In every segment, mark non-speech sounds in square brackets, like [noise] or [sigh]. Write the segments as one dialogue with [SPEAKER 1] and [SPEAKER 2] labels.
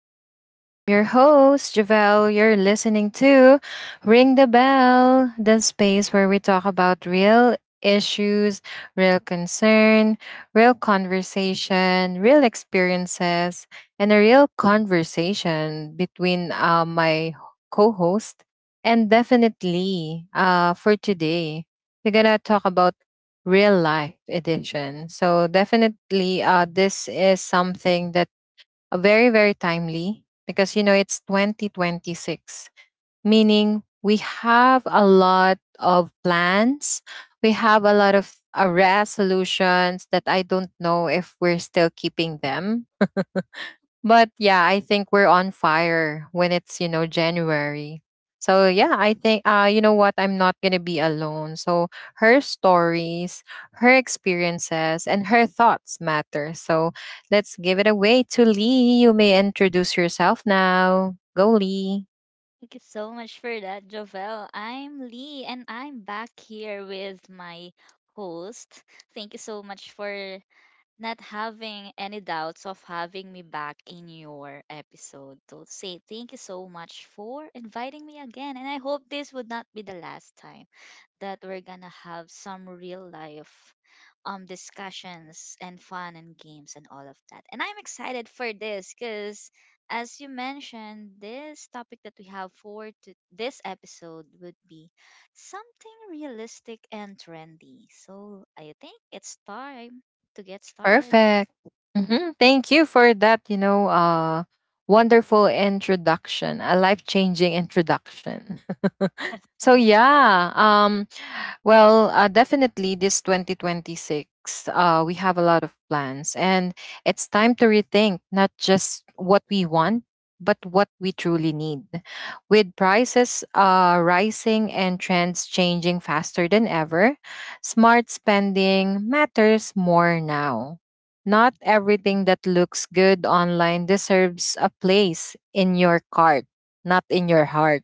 [SPEAKER 1] to the show. And I'm your host, Javelle. You're listening to Ring the Bell, the space where we talk about real issues, real concern, real conversation, real experiences, and a real conversation between my co host. And definitely for today, we're going to talk about real life edition. So definitely this is something that very very timely because you know it's 2026, meaning we have a lot of plans, we have a lot of resolutions that I don't know if we're still keeping them. But yeah, I think we're on fire when it's, you know, January. So yeah, I think you know what, I'm not going to be alone. So her stories, her experiences, and her thoughts matter. So let's give it away to Lee. You may introduce yourself now. Go, Lee.
[SPEAKER 2] Thank you so much for that, Jovel. I'm Lee and I'm back here with my host. Thank you so much for not having any doubts of having me back in your episode. So say thank you so much for inviting me again, and I hope this would not be the last time that we're gonna have some real life discussions and fun and games and all of that. And I'm excited for this because, as you mentioned, this topic that we have for to this episode would be something realistic and trendy. So I think it's time to get started.
[SPEAKER 1] Perfect. Mhm. Thank you for that, you know, wonderful introduction, a life-changing introduction. [laughs] So yeah, well, definitely this 2026, we have a lot of plans, and it's time to rethink not just what we want, but what we truly need. With prices rising and trends changing faster than ever, smart spending matters more now. Not everything that looks good online deserves a place in your cart, not in your heart.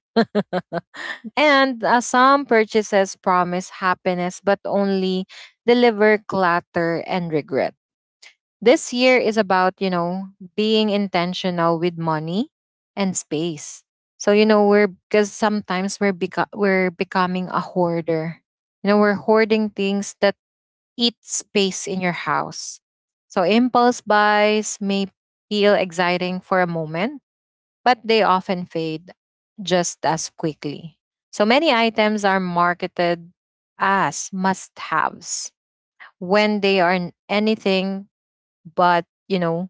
[SPEAKER 1] And some purchases promise happiness but only deliver clutter and regret. This year is about, you know, being intentional with money and space. So, you know, we're because sometimes we're becoming a hoarder. You know, we're hoarding things that eat space in your house. So impulse buys may feel exciting for a moment, but they often fade just as quickly. So many items are marketed as must haves when they are anything but, you know,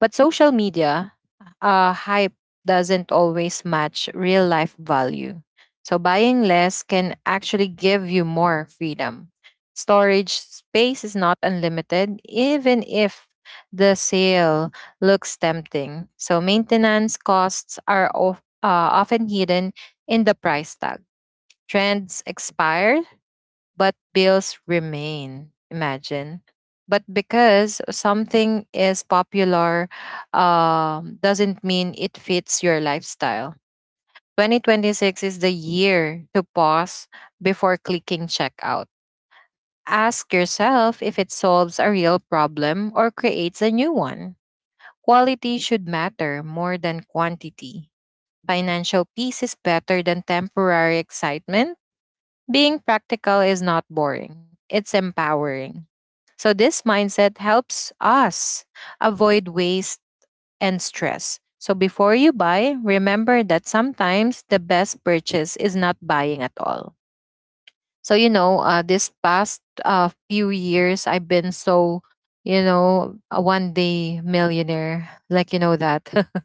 [SPEAKER 1] but social media hype doesn't always match real life value. So buying less can actually give you more freedom. Storage space is not unlimited, even if the sale looks tempting. So maintenance costs are often hidden in the price tag. Trends expire, but bills remain. Imagine. But because something is popular, doesn't mean it fits your lifestyle. 2026 is the year to pause before clicking checkout. Ask yourself if it solves a real problem or creates a new one. Quality should matter more than quantity. Financial peace is better than temporary excitement. Being practical is not boring, it's empowering. So this mindset helps us avoid waste and stress. So before you buy, remember that sometimes the best purchase is not buying at all. So you know, this past few years, I've been so, you know, a one day millionaire, like you know that. [laughs]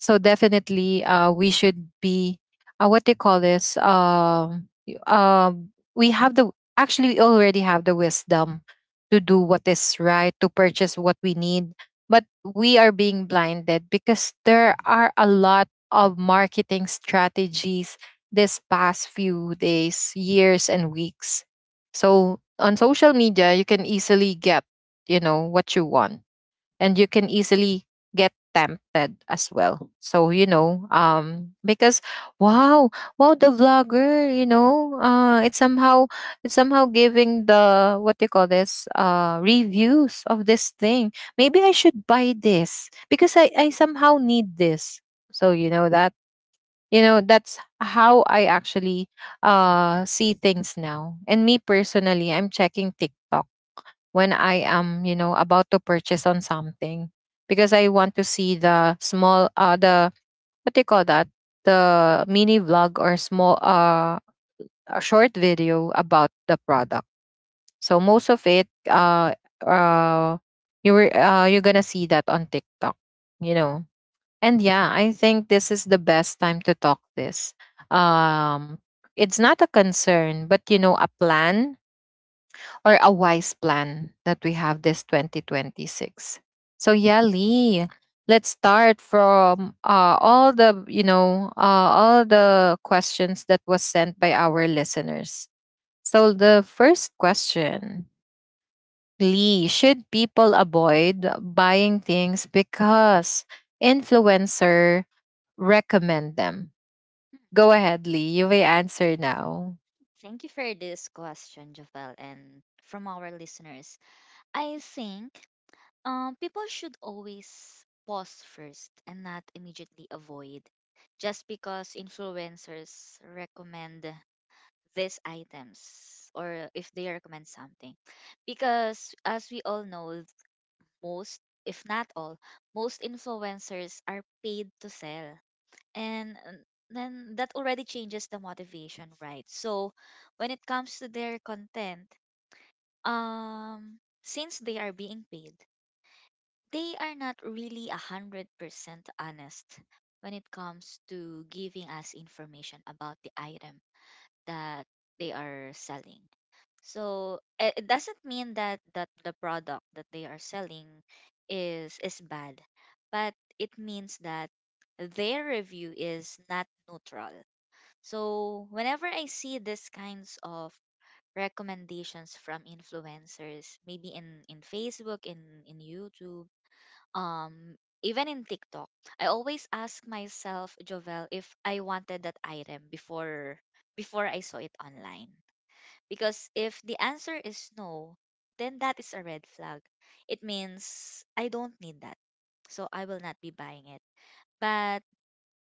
[SPEAKER 1] So definitely, we should be what they call this. We have the actually we already have the wisdom to do what is right, to purchase what we need, but we are being blinded because there are a lot of marketing strategies this past few days, years, and weeks. So on social media, you can easily get, you know, what you want, and you can easily get tempted as well. So you know, because wow, wow, the vlogger, you know, it's somehow giving the, what do you call this, reviews of this thing. Maybe I should buy this because I somehow need this. So you know that's how I actually see things now. And me personally, I'm checking TikTok when I am, you know, about to purchase on something, because I want to see the small, the, what do you call that, the mini vlog, or small a short video about the product. So most of it, uh you're gonna see that on TikTok, you know. And yeah, I think this is the best time to talk this. Um, it's not a concern, but you know, a plan or a wise plan that we have this 2026. So yeah, Lee, let's start from
[SPEAKER 2] Yeah.
[SPEAKER 1] all the, all the questions that was sent by our listeners. So the first question, Lee, should people avoid buying things because influencer recommend them? Go ahead, Lee. You may answer now.
[SPEAKER 2] Thank you for this question, Javel, and from our listeners. I think people should always pause first and not immediately avoid just because influencers recommend these items, or if they recommend something. Because as we all know, most, if not all, most influencers are paid to sell. And then that already changes the motivation, right? So when it comes to their content, um, since they are being paid, they are not really 100% honest when it comes to giving us information about the item that they are selling. So it doesn't mean that, the product that they are selling is bad, but it means that their review is not neutral. So whenever I see these kinds of recommendations from influencers, maybe in Facebook, in YouTube, um even in TikTok, I always ask myself, Jovel, if I wanted that item before I saw it online. Because if the answer is no, then that is a red flag. It means I don't need that. So I will not be buying it. But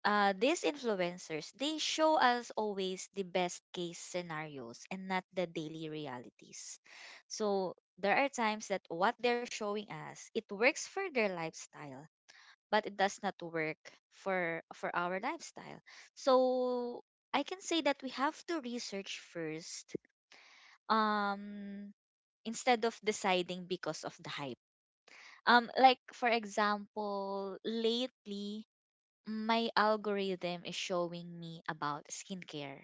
[SPEAKER 2] these influencers, they show us always the best case scenarios and not the daily realities. So there are times that what they're showing us, it works for their lifestyle but it does not work for our lifestyle. So I can say that we have to research first, um instead of deciding because of the hype. Like, for example, lately my algorithm is showing me about skincare.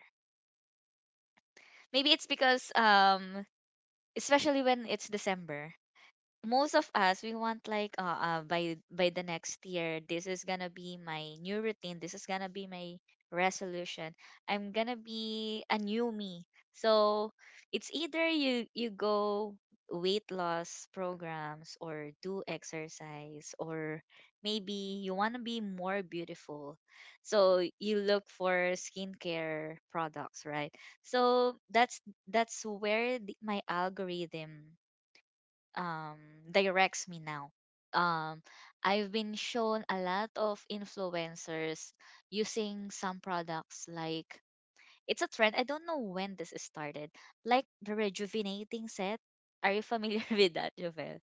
[SPEAKER 2] Maybe it's because, especially when it's December, most of us we want, like, by the next year this is gonna be my new routine, this is gonna be my resolution, I'm gonna be a new me. So it's either you go weight loss programs or do exercise, or maybe you want to be more beautiful, so you look for skincare products, right? So that's where my algorithm um directs me now. Um I've been shown a lot of influencers using some products like it's a trend. I don't know when this started. Like the rejuvenating set. Are you familiar [laughs] with that, Jovel?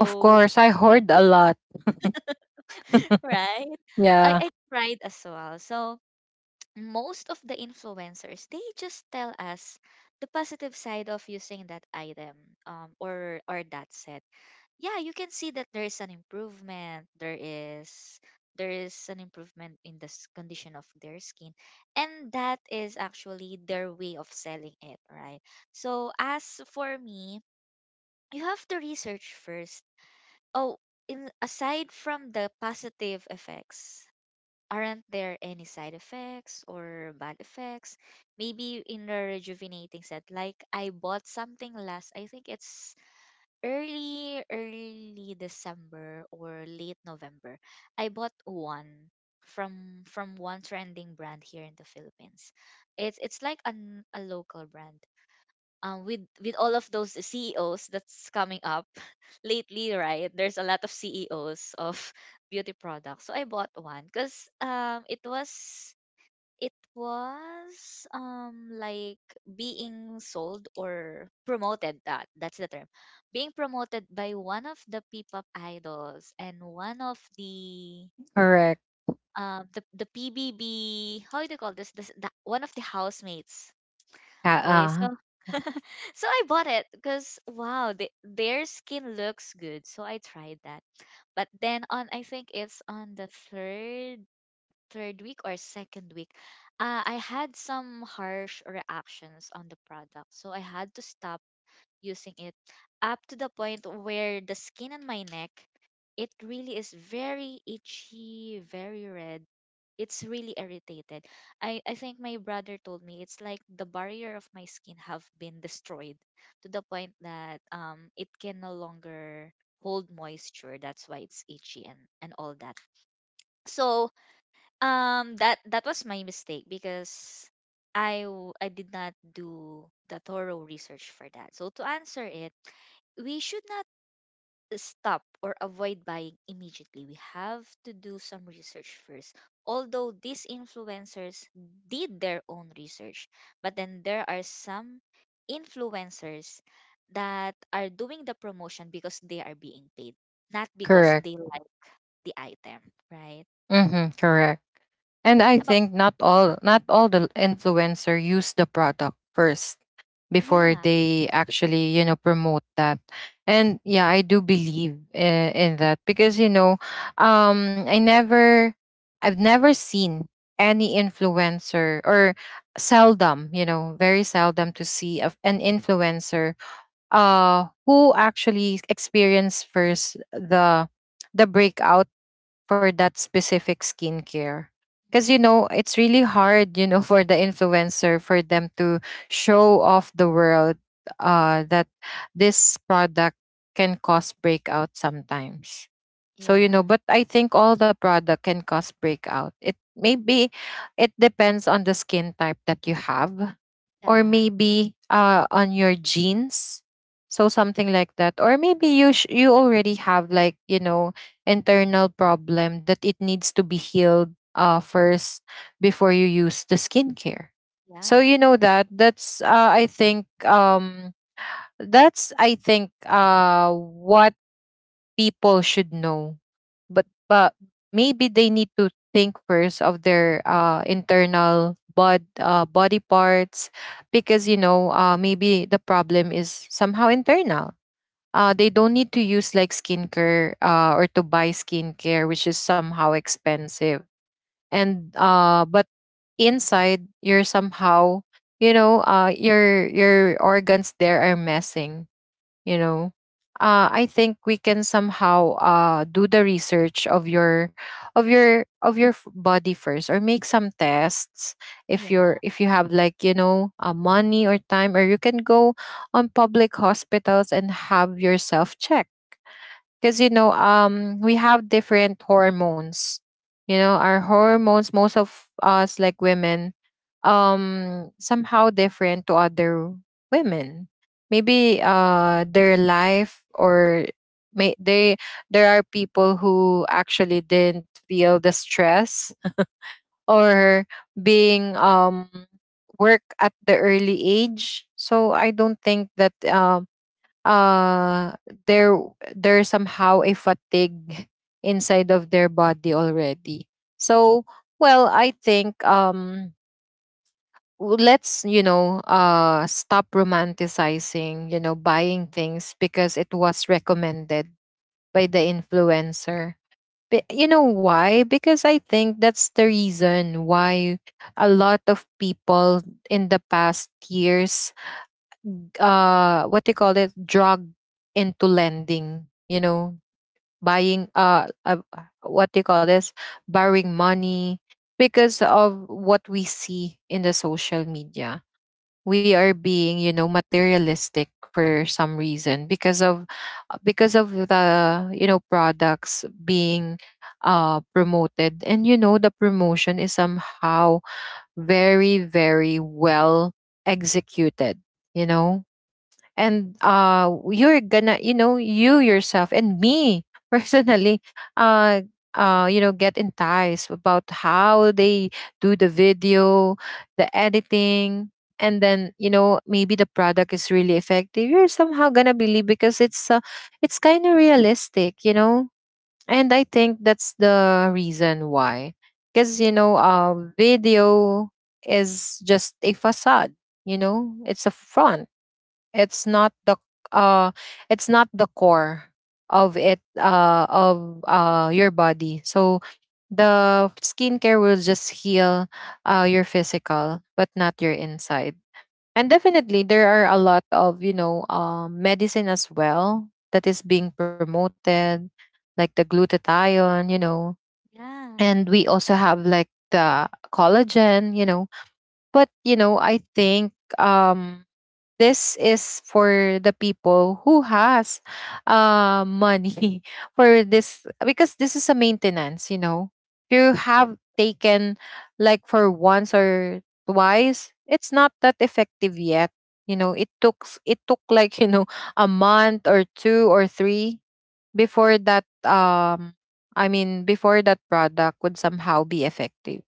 [SPEAKER 1] Of course, I hoard a lot.
[SPEAKER 2] right?
[SPEAKER 1] Yeah,
[SPEAKER 2] I tried as well. So, most of the influencers, they just tell us the positive side of using that item, or that set. Yeah, you can see that there is an improvement, there is an improvement in the condition of their skin, and that is actually their way of selling it, right? So, as for me, you have to research first. Oh, in aside from the positive effects, aren't there any side effects or bad effects? Maybe in the rejuvenating set, like I bought something last, I think it's early December or late November. I bought one from one trending brand here in the Philippines. It's like an, a local brand. With all of those CEOs that's coming up [laughs] lately, right? There's a lot of CEOs of beauty products. So I bought one because it was like being sold or promoted, that that's the term. Being promoted by one of the P-pop idols and one of
[SPEAKER 1] correct.
[SPEAKER 2] the PBB, how do you call this, this the, one of the housemates.
[SPEAKER 1] Uh,
[SPEAKER 2] Okay,
[SPEAKER 1] uh
[SPEAKER 2] so [laughs] so I bought it because wow, they, their skin looks good. So I tried that. But then on, I think it's on the third week or second week, I had some harsh reactions on the product. So I had to stop using it, up to the point where the skin on my neck, it really is very itchy, very red. It's really irritated. I think my brother told me it's like the barrier of my skin have been destroyed, to the point that it can no longer hold moisture. That's why it's itchy and all that. So that was my mistake because I did not do the thorough research for that. So to answer it, we should not stop or avoid buying immediately. We have to do some research first. Although these influencers did their own research, but then there are some influencers that are doing the promotion because they are being paid, not because
[SPEAKER 1] correct.
[SPEAKER 2] they like the item, right?
[SPEAKER 1] Mm-hmm, correct. And I
[SPEAKER 2] About
[SPEAKER 1] think not all the influencer use the product first, before
[SPEAKER 2] yeah,
[SPEAKER 1] they actually you know promote that. And yeah, I do believe in that because you know, um i never I've never seen any influencer, or seldom, you know, very seldom to see of an influencer who actually experience first the breakout for that specific skincare. Because, you know, it's really hard, you know, [laughs] for the influencer for them to show off the world that this product can cause breakout sometimes. So, you know,
[SPEAKER 2] yeah.
[SPEAKER 1] but I think all the product can cause breakout. It maybe it depends on the skin type that you have, or
[SPEAKER 2] Yeah,
[SPEAKER 1] maybe on your genes, so something like that. Or maybe you already have, like, you know, internal problem that it needs to be healed first before you use the skincare. So
[SPEAKER 2] yeah,
[SPEAKER 1] that's I think that's, I think, what people should know. But maybe they need to think first of their internal body parts, because you know, maybe the problem is somehow internal. They don't need to use like skincare, or to buy skincare which is somehow expensive. And but inside you're somehow, you know, your organs there are messing, you know. I think we can somehow do the research of your, of your, of body first, or make some tests if you're,
[SPEAKER 2] yeah,
[SPEAKER 1] if you have like, you know, money or time, or you can go on public hospitals and have yourself checked. Because you know, we have different hormones. You know, our hormones, most of us like women, somehow different to other women. Maybe their life, or may they there are people who actually didn't feel the stress, or being work at the early age. So
[SPEAKER 2] mhm,
[SPEAKER 1] I don't think that uh there, there's somehow a fatigue inside of their body already. So, well, I think, let's, you know, stop romanticizing, you know, buying things because it was recommended by the influencer. But you know why? Because I think that's the reason why a lot of people in the past years, what they call it, drug into lending, you know, buying, what they call this, borrowing money, because of what we see in the social media. We are being, you know, materialistic for some reason because of, because of the, you know, products being promoted. And you know, the promotion is somehow very very well executed, you know. And you're gonna, you know, you yourself and me [laughs] personally, uh you know, get enticed about how they do the video, the editing. And then you know, maybe the product is really effective, you're somehow gonna believe, because it's kind of realistic, you know. And I think that's the reason why. Because you know, video is just a facade, you know. It's a front. It's not the uh it's not the core of it, of your body. So the skincare will just heal your physical but not your inside. And definitely there are a lot of, you know, medicine as well that is being promoted, like the glutathione, you know.
[SPEAKER 2] yeah.
[SPEAKER 1] And we also have like the collagen, you know. But you know, I think um this is for the people who has money [laughs] for this, because this is a maintenance, you know. If you
[SPEAKER 2] That,
[SPEAKER 1] have taken, like, for once or twice, it's not that effective yet. You know, it took like, [laughs] you know, a month or two or three before that, I mean before that product would somehow be effective.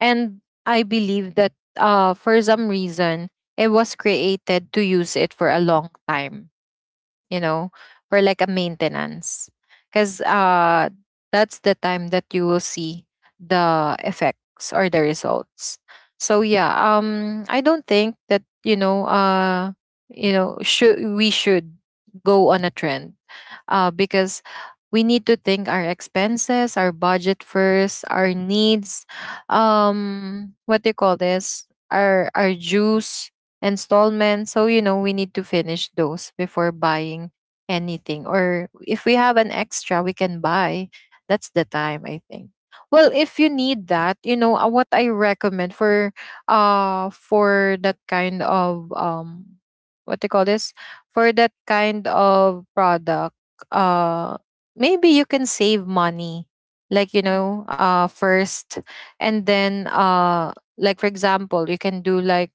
[SPEAKER 1] And I believe that, for some reason, it was created to use it for a long time, you know, for like a maintenance. Because that's the time that you will see the effects or the results. So yeah, I don't think that, you know, should go on a trend, because we need to think our expenses, our budget first, our needs, what do you call this? Our dues installments. So, you know, we need to finish those before buying anything. Or if we have an extra, we can buy. That's the time, I think. Well, if you need that, you know, what I recommend for that kind of what do you call this? For that kind of product, uh maybe you can save money. Like, you
[SPEAKER 2] mm,
[SPEAKER 1] know, first and then like for example, you can do like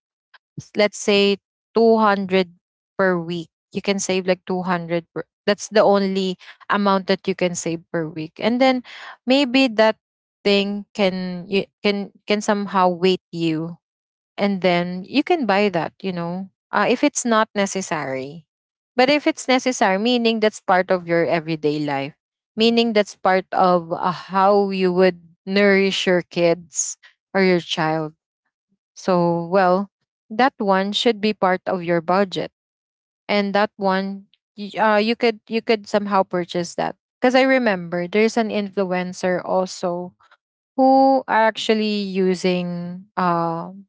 [SPEAKER 1] let's say 200 per week. You can save like 200 per, that's the only amount that you can save per week. And then maybe that thing can you can somehow wait you and then you can buy that, if it's not necessary. But if it's necessary, meaning that's part of your everyday life, meaning that's part of how you would nourish your kids or your child, so, well, that one should be part of your budget, and that one, you could somehow purchase that. Because I remember there's an influencer also who are actually using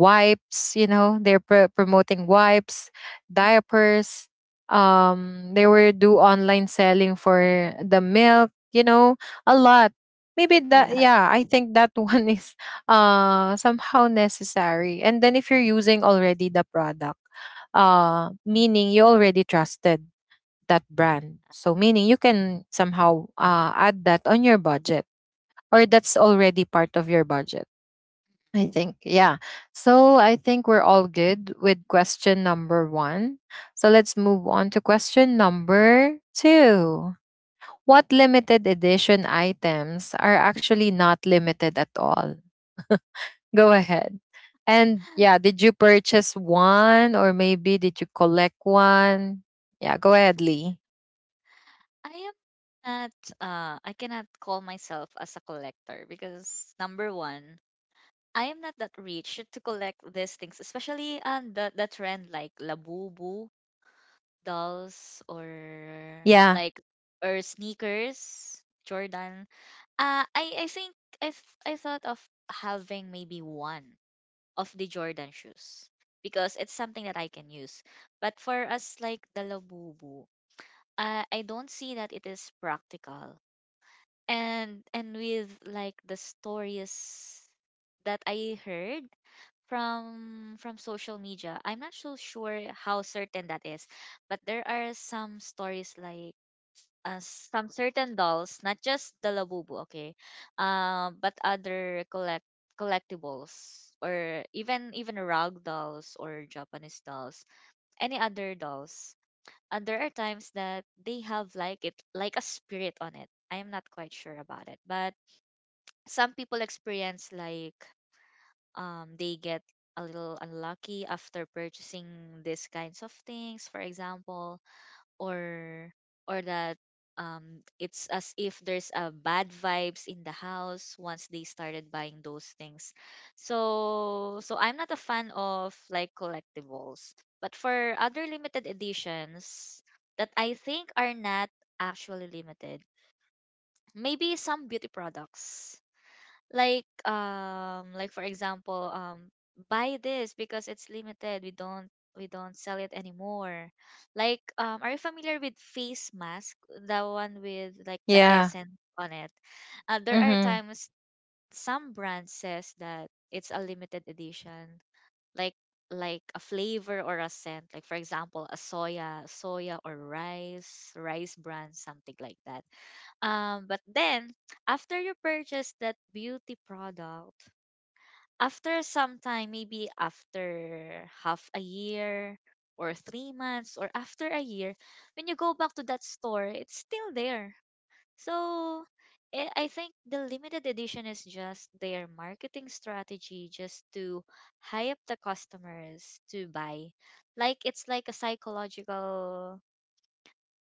[SPEAKER 1] wipes, you know, they're promoting wipes,
[SPEAKER 2] mm,
[SPEAKER 1] diapers, they were do online selling for the milk, you know, a lot. Maybe that,
[SPEAKER 2] yeah.
[SPEAKER 1] yeah, I think that [laughs] one is somehow necessary. And then if you're using already the product, meaning you already trusted that brand, so meaning you can somehow add that on your budget, or that's already part of your budget, I think, yeah. So I think we're all good with question number one. So let's move on to question number two. What limited edition items are actually not limited at all? [laughs] Go ahead. And yeah, did you purchase one or maybe did you collect one? Yeah, go ahead, Lee.
[SPEAKER 2] I am not. I cannot call myself as a collector because number one, I am not that rich to collect these things, especially on the trend like labubu dolls, or
[SPEAKER 1] Yeah,
[SPEAKER 2] like or sneakers, Jordan. I think I thought of having maybe one of the Jordan shoes because it's something that I can use. But for us like the labubu, I don't see that it is practical. And with like the stories that I heard from social media, I'm not so sure how certain that is, but there are some stories like some certain dolls, not just the Labubu, okay, but other collectibles, or even rag dolls or Japanese dolls, any other dolls. And there are times that they have like it like a spirit on it. I am not quite sure about it, but some people experience like they get a little unlucky after purchasing these kinds of things. For example, or that it's as if there's a bad vibes in the house once they started buying those things. So I'm not a fan of like collectibles, but for other limited editions that I think are not actually limited, maybe some beauty products, like, like for example, buy this because it's limited, we don't sell it anymore. Like, are you familiar with face mask, the one with like the
[SPEAKER 1] yeah.
[SPEAKER 2] essence on it? There are
[SPEAKER 1] Mm-hmm.
[SPEAKER 2] times some brand says that it's a limited edition, like a flavor or a scent, like for example a soya or rice brand, something like that. But then after you purchase that beauty product, after some time, maybe after half a year or 3 months or after a year, when you go back to that store, it's still there. So I think the limited edition is just their marketing strategy, just to hype the customers to buy. Like, it's like a psychological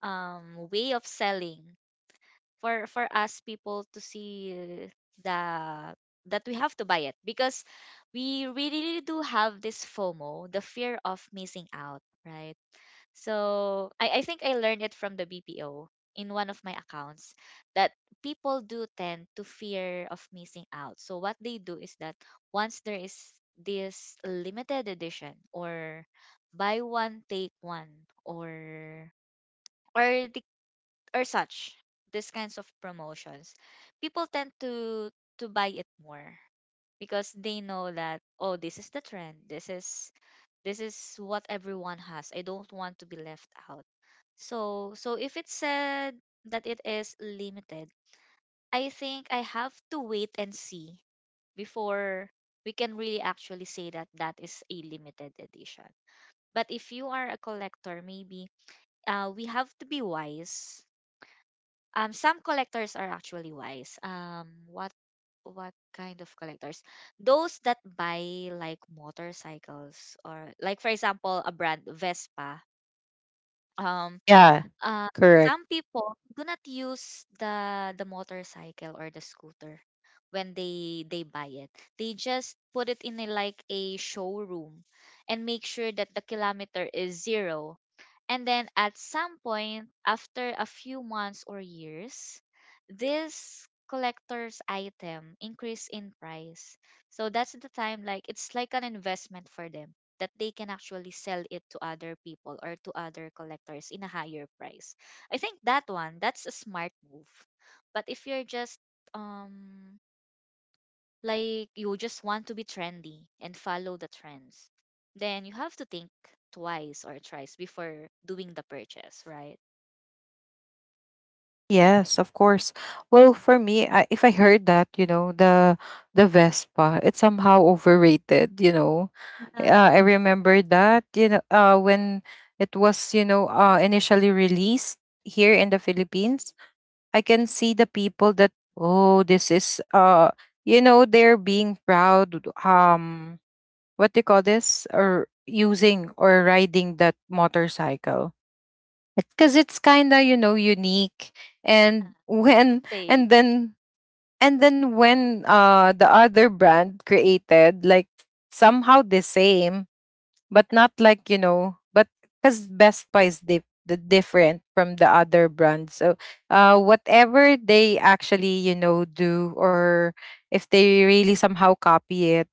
[SPEAKER 2] way of selling, for us people to see the that we have to buy it, because we really do have this FOMO, the fear of missing out, right? So I think I learned it from the BPO in one of my accounts that people do tend to fear of missing out. So what they do is that, once there is this limited edition, or buy one take one, or the or such, these kinds of promotions, people tend to buy it more, because they know that, oh, this is the trend, this is what everyone has, I don't want to be left out. So if it said that it is limited, I think I have to wait and see before we can really actually say that that is a limited edition. But if you are a collector, maybe we have to be wise. Some collectors are actually wise. What kind of collectors? Those that buy like motorcycles, or like for example a brand Vespa. Um,
[SPEAKER 1] Yeah,
[SPEAKER 2] uh,
[SPEAKER 1] correct.
[SPEAKER 2] some people do not use the motorcycle or the scooter when they buy it. They just put it in a, like a showroom, and make sure that the kilometer is zero. And then at some point after a few months or years, this collector's item increase in price. So that's the time, like it's like an investment for them, that they can actually sell it to other people or to other collectors in a higher price. I think that one, that's a smart move. But if you're just um like you just want to be trendy and follow the trends, then you have to think twice or thrice before doing the purchase, right?
[SPEAKER 1] Yes, of course. Well, for me, I, if I heard that, you know, the Vespa, it's somehow overrated, you know.
[SPEAKER 2] Yeah.
[SPEAKER 1] I remember that, you know, when it was, you know, initially released here in the Philippines, I can see the people that, oh, this is, you know, they're being proud, what do you call this, or using or riding that motorcycle because it's kind of, you know, unique.
[SPEAKER 2] Yeah,
[SPEAKER 1] and when
[SPEAKER 2] Intake.
[SPEAKER 1] and then and then when uh the other brand created like somehow the same, but not like, you know, but because best buy is the different from the other brands. So whatever they actually, you know, do, or if they really somehow copy it,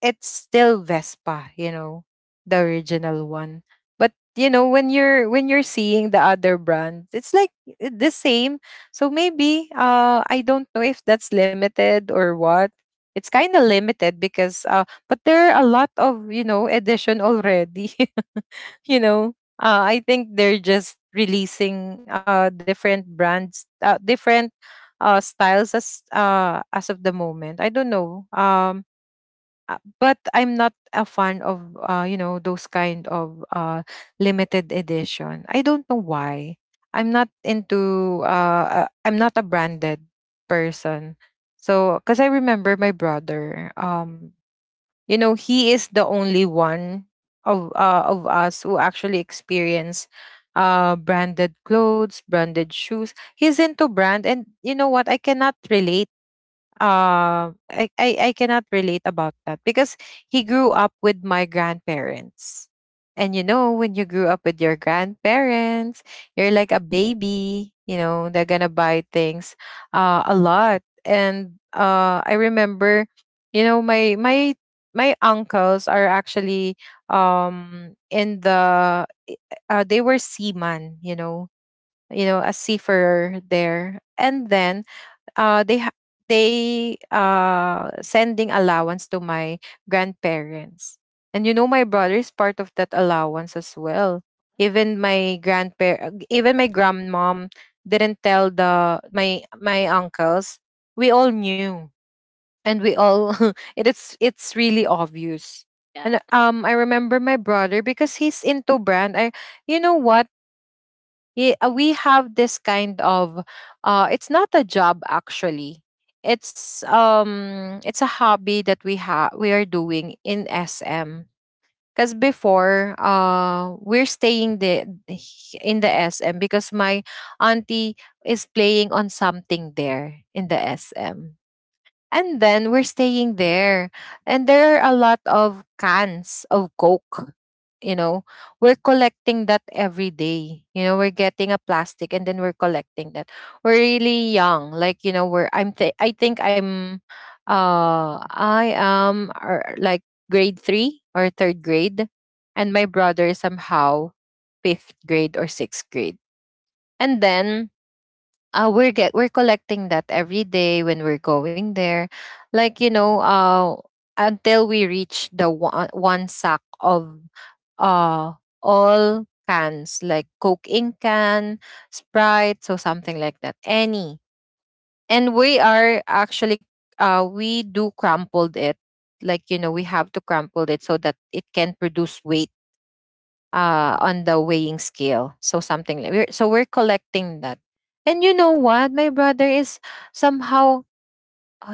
[SPEAKER 1] it's still Vespa, you know, the
[SPEAKER 2] Yeah,
[SPEAKER 1] original one. But you know, when you're seeing the other brands, it's like the same. So maybe I don't know if that's limited or what. It's kind of limited because but there are a lot of, you know, edition already, [laughs] you know. I think they're just releasing different brands, different styles as of the moment. I don't know. But I'm not a fan of you know, those kind of limited edition. I don't know why. I'm not into I'm not a branded person. So because I remember my brother, you know, he is the only one of us who actually experience branded clothes, branded shoes. He's into brand, and you know what? I cannot relate. I cannot relate about that because he grew up with my grandparents. And you know, when you grew up with your grandparents, you're like a baby, you know, they're gonna buy things a lot. And I remember, you know, my uncles are actually in the they were seaman, you know, you know, a seafarer there. And then uh, they ha- they sending allowance to my grandparents. And you know, my brother is part of that allowance as well. Even my grandpa, even my grandmom didn't tell the my my uncles. We all knew, and we all [laughs] it is, it's really obvious.
[SPEAKER 2] yeah,
[SPEAKER 1] And I remember my brother because he's into brand. I You know what? Yeah, we have this kind of it's not a job actually, it's a hobby that we have we are doing in SM. Because before we're staying the in the SM because my auntie is playing on something there in the SM, and then we're staying there. And there are a lot of cans of Coke. You know, we're collecting that every day. You know, we're getting a plastic and then we're collecting that. We're really young. Like, you know, I think I'm, like grade three or third grade. And my brother is somehow fifth grade or sixth grade. And then we're collecting that every day when we're going there, like, you know, until we reach the one sack of uh all cans, like coke in can, sprite, so something like that, any. And we are actually we do crumpled it, like, you know, we have to crumple it so that it can produce weight on the weighing scale. So something like so we're collecting that. And you know what? My brother is somehow,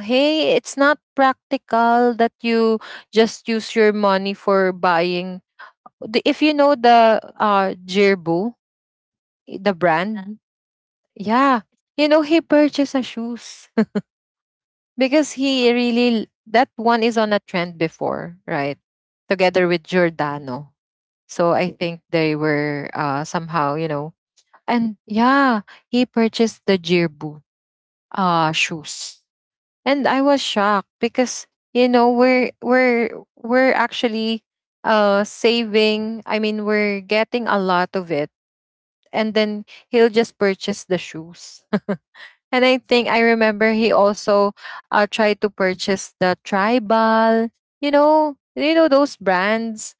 [SPEAKER 1] hey, it's not practical that you just use your money for buying. If you know the Jirbu, the
[SPEAKER 2] yeah.
[SPEAKER 1] brand, yeah, you know, he purchased a shoes [laughs] because
[SPEAKER 2] Well,
[SPEAKER 1] he really that one is on a trend before, right? Together with Giordano. So I think they were somehow, you know, and yeah, he purchased the Jirbu shoes. And I was shocked because, you know, we're actually saving, I mean, we're getting a lot of it, and then he'll just purchase the shoes. [laughs] And I think I remember he also tried to purchase the Tribal, you know, those brands,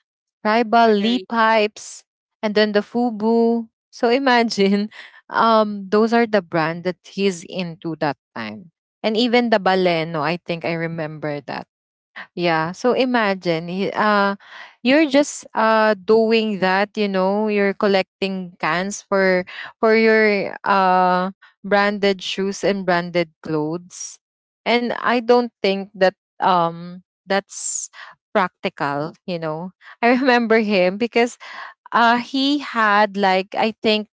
[SPEAKER 1] Tribal
[SPEAKER 2] for the
[SPEAKER 1] Lee
[SPEAKER 2] rich,
[SPEAKER 1] pipes, and then the Fubu. So imagine, [laughs] those are the brand that he's into that time, and even the Baleno. I think I remember that. Yeah. So imagine, you're just doing that. You know, you're collecting cans for your branded shoes and branded clothes, and I don't think that that's practical. You know, I [laughs] remember him because he had like, I think,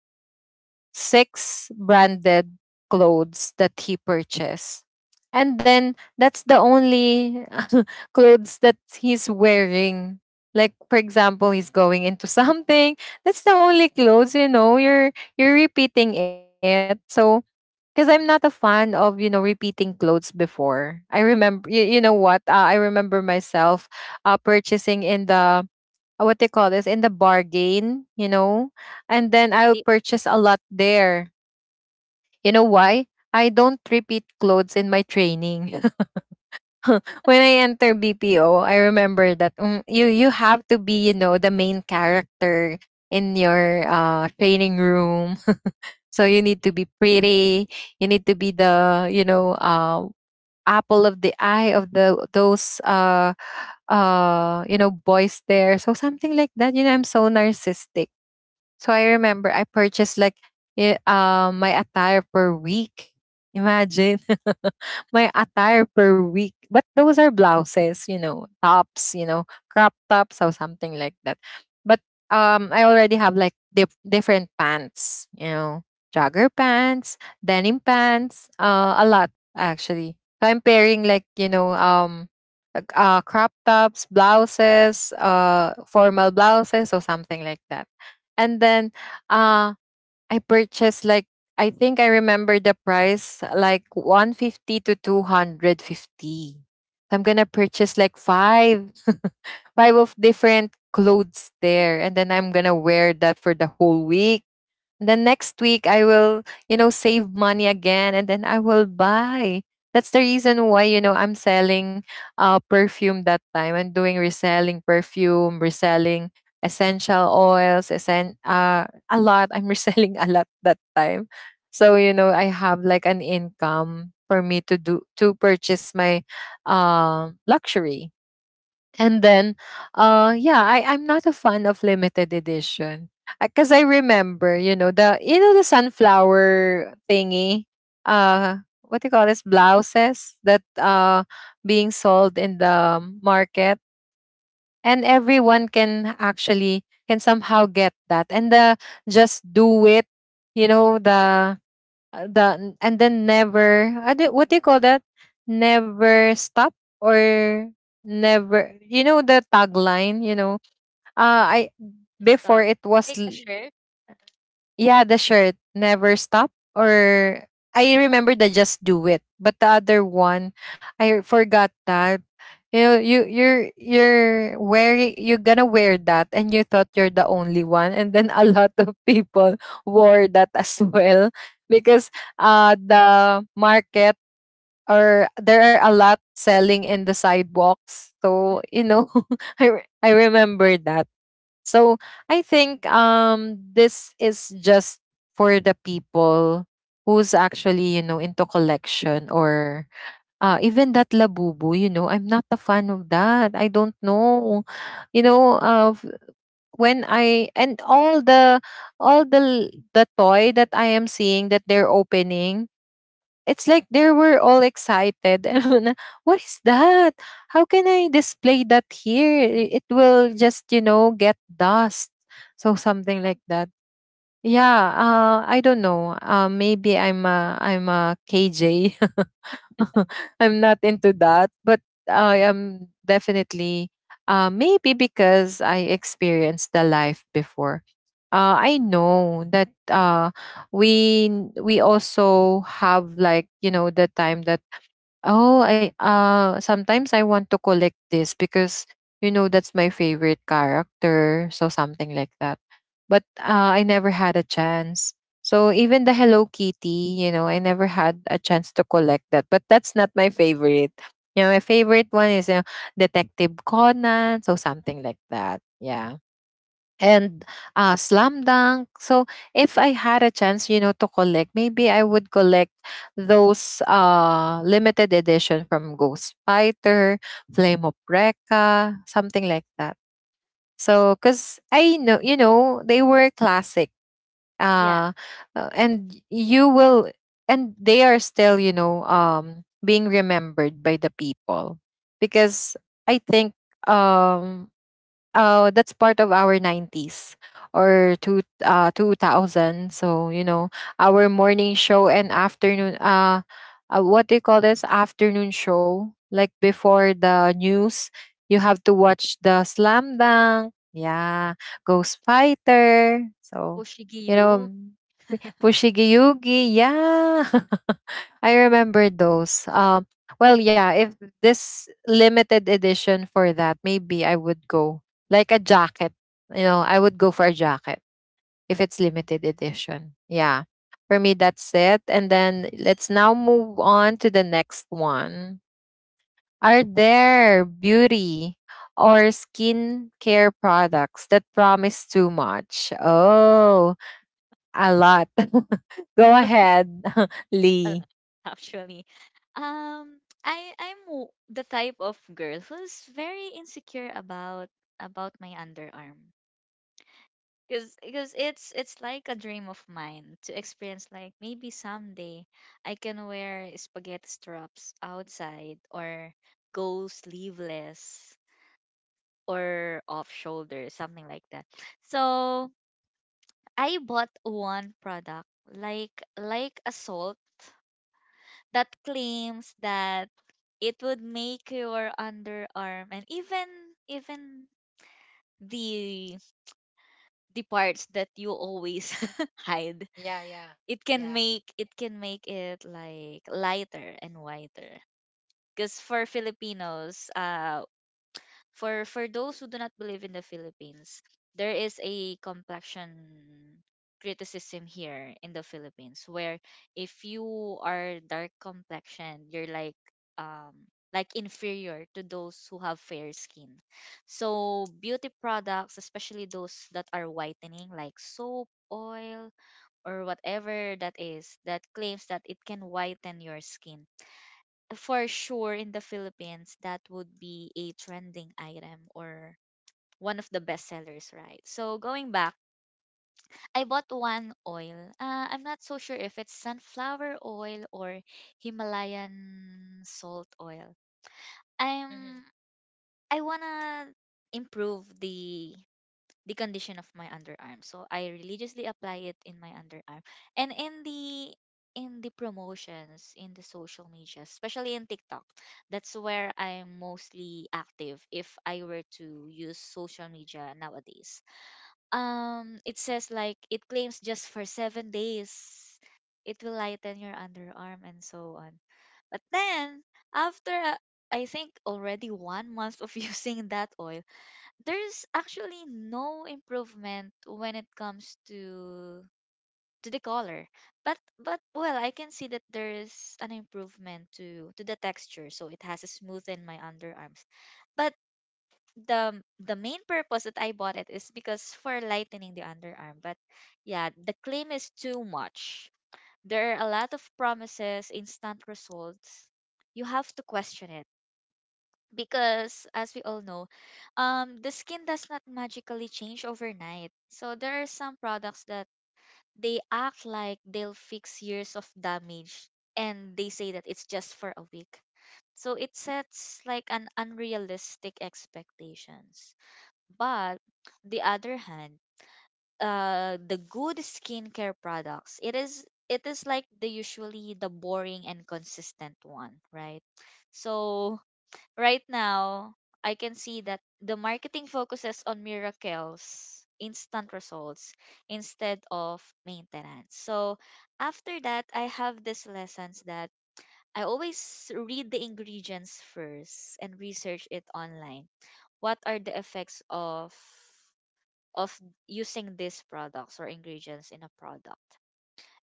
[SPEAKER 1] six branded clothes that he purchased. And then that's the only [laughs] clothes that he's wearing. Like for example, he's going into [laughs] something. That's the only clothes, you know, you're repeating it. So because I'm not a fan of, you know, repeating clothes before. You know what? I remember myself purchasing in the what they call this, in the bargain, you know, and then
[SPEAKER 2] like
[SPEAKER 1] I'll
[SPEAKER 2] the
[SPEAKER 1] purchase a lot there. You know why? I don't repeat clothes in my training. [laughs] When I enter BPO, I remember that, mm, you have to be, you know, the main character in your training room. [laughs] So you need to be pretty. You need to be the, you know, apple of the eye of the those you know, boys there. So something like that. You know, I'm so narcissistic. So I remember I purchased like my attire per week. Imagine [laughs] my attire per week. But those are blouses, you know, tops, you know, crop tops or something like that. But I already have like different pants, you know, jogger pants, denim pants, a lot actually. So I'm pairing like, you know, like, crop tops, blouses, formal blouses or something like that. And then uh I purchased like, I think I remember the price like 150 to 250. I'm gonna purchase like five of different clothes there, and then I'm gonna wear that for the whole week. Then next week I will, you know, save money again, and then I will buy. That's the reason why, you know, I'm selling perfume that time. I'm doing reselling perfume, reselling essential oils, a lot. I'm [laughs] reselling a lot that time. So, you know, I have like an income for me to do to purchase my luxury. And then, yeah, I'm not a fan of limited edition because I remember, you know, the you know, the sunflower thingy, uh, what do you call this, blouses that being sold in the market, and everyone can actually can somehow get that. And the just do it, you know, the, and then never, I don't- what do you call that, never stop, or never, you know, the tagline, you know, I before
[SPEAKER 2] stop,
[SPEAKER 1] it was
[SPEAKER 2] like a shirt.
[SPEAKER 1] yeah, the shirt never stop, or I remember the just do it, but the other one I forgot that. You know, you're wearing, you're gonna wear that and you thought you're the only one, and then a [laughs] lot of people wore that as well because the market, or there are a lot selling in the sidewalks, so
[SPEAKER 2] Mm,
[SPEAKER 1] you know. [laughs] I remember that. So I think this is just for the people who's actually, you know, into collection, or even that labubu, you know, I'm not a fan of that. I don't know. You know, uh f- when I and all the the toy that I am seeing that they're opening, it's like they were all excited. [laughs] And I'm like, what is that? How can I display that here? It will just, get dust. So something like that. Yeah, I don't know. Maybe I'm a KJ. [laughs] I'm not into that, but I am definitely maybe because I experienced the life before. I know that we also have, like, you know, the time that, oh, I sometimes I want to collect this because, you know, that's my favorite character, so something like that. But I never had a chance. So even the Hello Kitty, you know, I never had a chance to collect that. But that's not my favorite. You know, my favorite one is Detective Conan, so something like that. Yeah, and slam dunk. So if I had a chance, you know, to collect, maybe I would collect those limited edition from Ghost Fighter, Flame of Recca, something like that. So because I know, you know, they were classic,
[SPEAKER 2] yeah,
[SPEAKER 1] uh, and you will, and they are still, you know, being remembered by the people because I think. Um, that's part of our 90s or two 2000, so you know, our morning show and afternoon what do you call this, afternoon show, like before the news you have to watch the slam dunk, yeah, ghost fighter, so you
[SPEAKER 2] Oshigiyu.
[SPEAKER 1] know, Fushigi Yugi, yeah. [laughs] I remember those. Yeah, if this limited edition for that, maybe I would go like a jacket. You know, I would go for a jacket if it's limited edition. Yeah. For me, that's it. And then let's now move on to the next one. Are there beauty or skin care products that promise too much? Oh, a lot. [laughs] Go ahead, [laughs]
[SPEAKER 2] A
[SPEAKER 1] Lee.
[SPEAKER 2] lot [laughs] actually. Um, the type of girl who's very insecure about my underarm. Because it's like a dream of mine to experience, like, maybe someday I can wear spaghetti straps outside or go sleeveless or off shoulder, something like that. So I bought one product, like a salt that claims that it would make your underarm and even even the the parts that you always [laughs] hide,
[SPEAKER 1] Yeah, yeah,
[SPEAKER 2] it can
[SPEAKER 1] yeah.
[SPEAKER 2] make it like lighter and whiter. Because for filipinos, for those who do not believe in the Philippines, there is a complexion criticism here in the Philippines, where if you are dark complexion, you're um like inferior to those who have fair skin. So beauty products, especially those that are whitening, like soap, oil, or whatever that is that claims that it can whiten your skin, for sure in the Philippines that would be a trending item or one of the best sellers, right? So going back, I bought one oil. I'm not so sure if it's sunflower oil or Himalayan salt oil. I'm I wanna improve the condition of my underarm. So I religiously apply it in my underarm. And in the promotions in the social media, especially in TikTok, that's where I'm mostly active, if I were to use social media nowadays. It says, like, it claims just for 7 days it will lighten your underarm and so on. But then after I think already 1 month of [laughs] using that oil, there's actually no improvement when it comes to the color. But well, I can see that there is an improvement to the texture, so it has smoothened my underarms. But the main purpose that I bought it is because for lightening the underarm, but yeah, the claim is too much. There are a lot of promises, instant results. You have to question it, because as we all know, the skin does not magically change overnight. So there are some products that they act like they'll fix years of damage, and they say that it's just for a week. So it sets like an unrealistic expectations. But the other hand, the good skincare products, it is like the usually the boring and consistent one, right? So right now, I can see that the marketing focuses on miracles, instant results, instead of maintenance. So after that, I have these lessons that I always read the ingredients first and research it online. What are the effects of of using these products or ingredients in a product?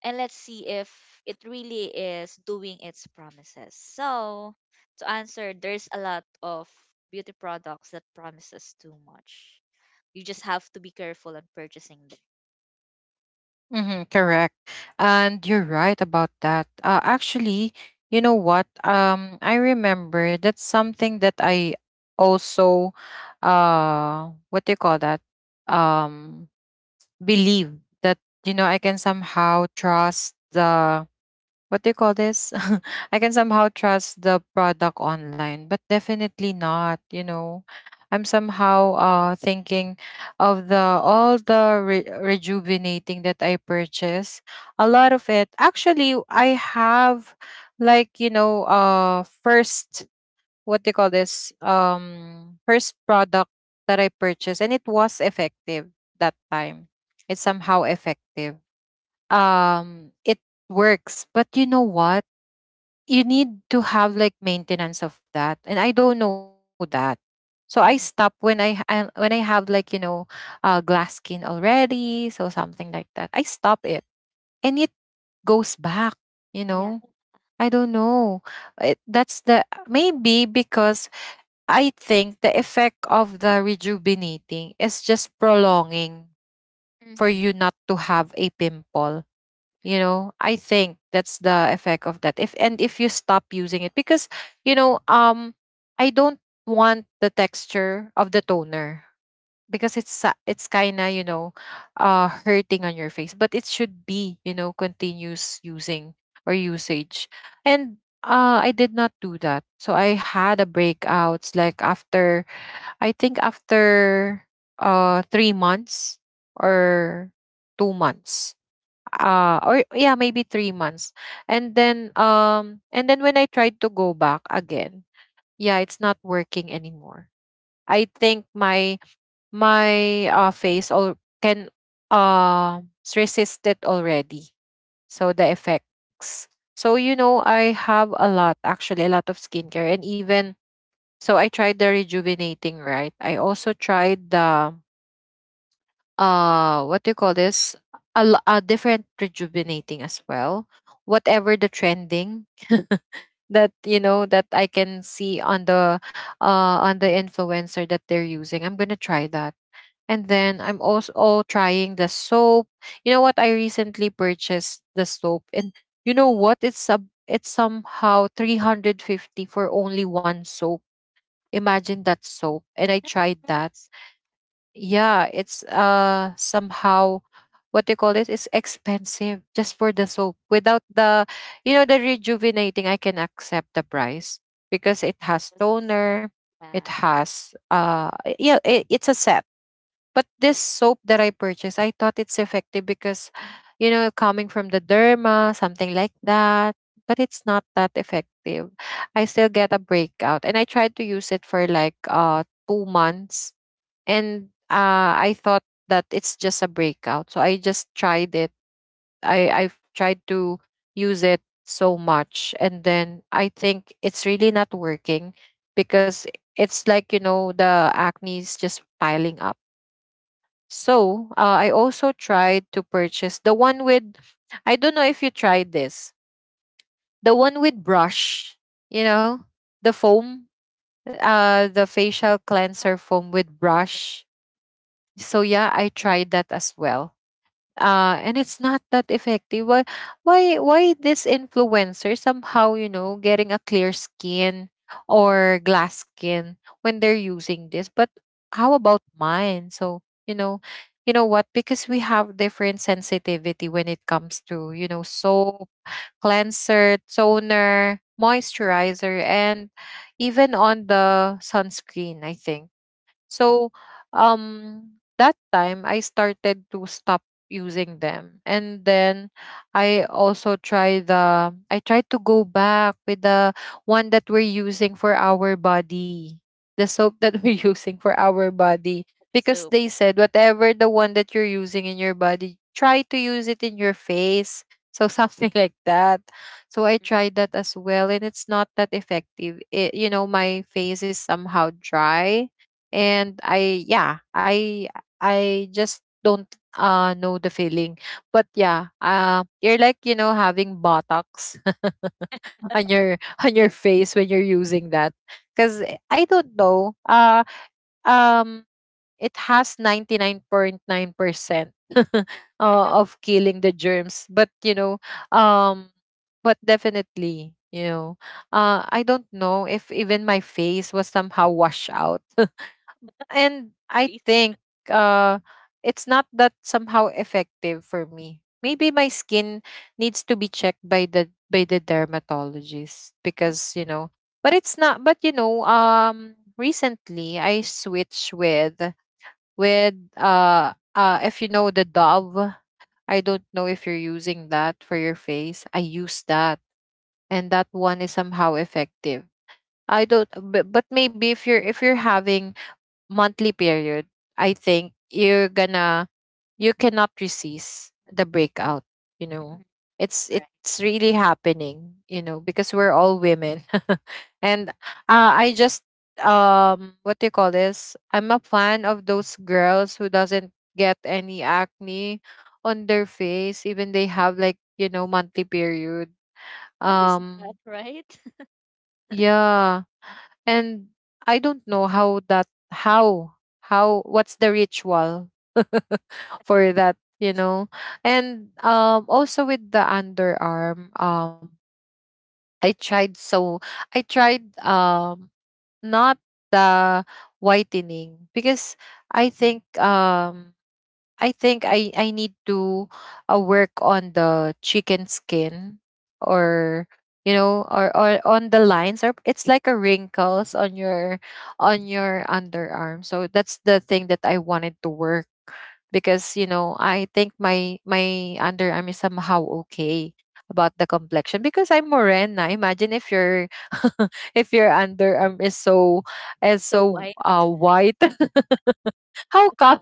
[SPEAKER 2] And let's see if it really is doing its promises. So to answer, there's a lot of beauty products that promises too much. You just have to be careful on purchasing them.
[SPEAKER 1] Mm-hmm, correct. And you're right about that. Actually, you know what? I remember that's something that I also, what do you call that? Um, believe that, you know, I can somehow trust the what do you call this? [laughs] I can somehow trust the product online, but definitely not, you know. I'm somehow thinking of the all the rejuvenating that I purchase. A
[SPEAKER 2] Mm-hmm.
[SPEAKER 1] lot of it actually I have, like, you know, first what do you call this? First product that I purchased, and it was effective that time. It's somehow effective. It works. But you know what? You need to have like maintenance of that, and I don't know that. So I stop when
[SPEAKER 2] Mm-hmm.
[SPEAKER 1] I have, like, you know, glass skin already, so something like that, I stop it, and it goes back, you
[SPEAKER 2] Yeah.
[SPEAKER 1] know. I don't know, that's the, maybe because I think the effect of the rejuvenating is just prolonging for you
[SPEAKER 2] Mm-hmm.
[SPEAKER 1] not to have a pimple, you
[SPEAKER 2] Mm-hmm.
[SPEAKER 1] know. I think that's the effect of that if and if you stop using it, because, you know, I don't want the texture of the toner because it's kind of, you know, hurting on your face, but it should be, you know, continuous using or usage. And I did not do that, so I had a breakouts like after, I think, after 3 months or 2 months, or yeah, maybe 3 months. And then and then when I tried to go back again, yeah, it's not working anymore. I think my face all can uh resist it already, so the effects. So you know, I have a lot, actually, a lot of skincare. And even, so I tried the rejuvenating, right? I also tried the what do you call this, a different rejuvenating as well, whatever the trending [laughs] that you know that I can see on the influencer that they're using, I'm gonna try that. And then I'm also trying the soap. You know what, I recently purchased the soap, and you know what, it's a, it's somehow 350 for only one soap. Imagine that, soap. And I
[SPEAKER 2] That
[SPEAKER 1] tried that.
[SPEAKER 2] price
[SPEAKER 1] Yeah, it's somehow what do you call this, it's expensive just for the soap. Without the, you know, the rejuvenating, I can accept the price because it has
[SPEAKER 2] was,
[SPEAKER 1] toner, it
[SPEAKER 2] yeah.
[SPEAKER 1] has yeah, it's a set. But this soap that I purchased, I thought it's effective because, you know, coming from the derma, something like that. But it's not that effective. I still get a breakout, and I tried to use it for like 2 months. And I thought that it's just a breakout. So I just tried it. I've tried to use it so much, and then I think it's really not working because it's like, you know, the acne is just piling up. So I also tried to purchase the one with, I don't know if you tried this, the one with brush, you know, the foam, the facial cleanser
[SPEAKER 2] [laughs]
[SPEAKER 1] foam with brush. So yeah, I tried that as well, and it's not that effective. Why this influencer somehow, you know, getting a clear skin or glass skin when they're using this? But how about mine? So you know what, because we have different sensitivity when it comes to, you know, soap, cleanser, toner, moisturizer, and even on the sunscreen. I think so. um that time I started to stop using them. And then I also tried the, I tried to go back with the one that we're using for our body, the soap that we're [laughs] using for our body, because
[SPEAKER 2] So
[SPEAKER 1] they said whatever the one that you're using in your body, try to use it in your face. So something [laughs] like that. So I
[SPEAKER 2] mm-hmm.
[SPEAKER 1] tried that as well, and it's not that effective. It, you know, my face is somehow dry, and I yeah, I just don't know the feeling, but yeah, you're like, you know, having botox [laughs] on your on your face when you're using that. Because I don't know, um it has 99.9 percent [laughs] uh, of killing the germs. But you know, um but definitely, you know, I don't know, if even my face was somehow washed out. And I think uh it's not that somehow effective for me. Maybe my skin needs to be checked by the dermatologist, because, you know, but it's not. But you know, recently I switched with if you know, the Dove. I don't know if you're using that for your face. I use that, and that one is somehow effective. I don't, but maybe if you're, if you're having monthly period, I think you're gonna, you cannot resist the breakout, you know.
[SPEAKER 2] Right.
[SPEAKER 1] It's really happening, you know, because we're all women. [laughs] And I just what do you call this? I'm a fan of those girls who doesn't get any acne on their face even they have, like, you know, monthly period.
[SPEAKER 2] How is that
[SPEAKER 1] Um
[SPEAKER 2] right? [laughs]
[SPEAKER 1] yeah, and I don't know how that, how what's the ritual [laughs] for that, you know. And also with the underarm, I tried so, I tried not the whitening because I think, I think I need to work on the chicken skin, or you know, or on the lines, or it's like a wrinkles on your underarm. So that's the thing that I wanted to work, because you know, I think my underarm is somehow okay about the complexion, because I'm morena. Imagine if your [laughs] if your underarm is so, is
[SPEAKER 2] So
[SPEAKER 1] so
[SPEAKER 2] why
[SPEAKER 1] white. [laughs] How come?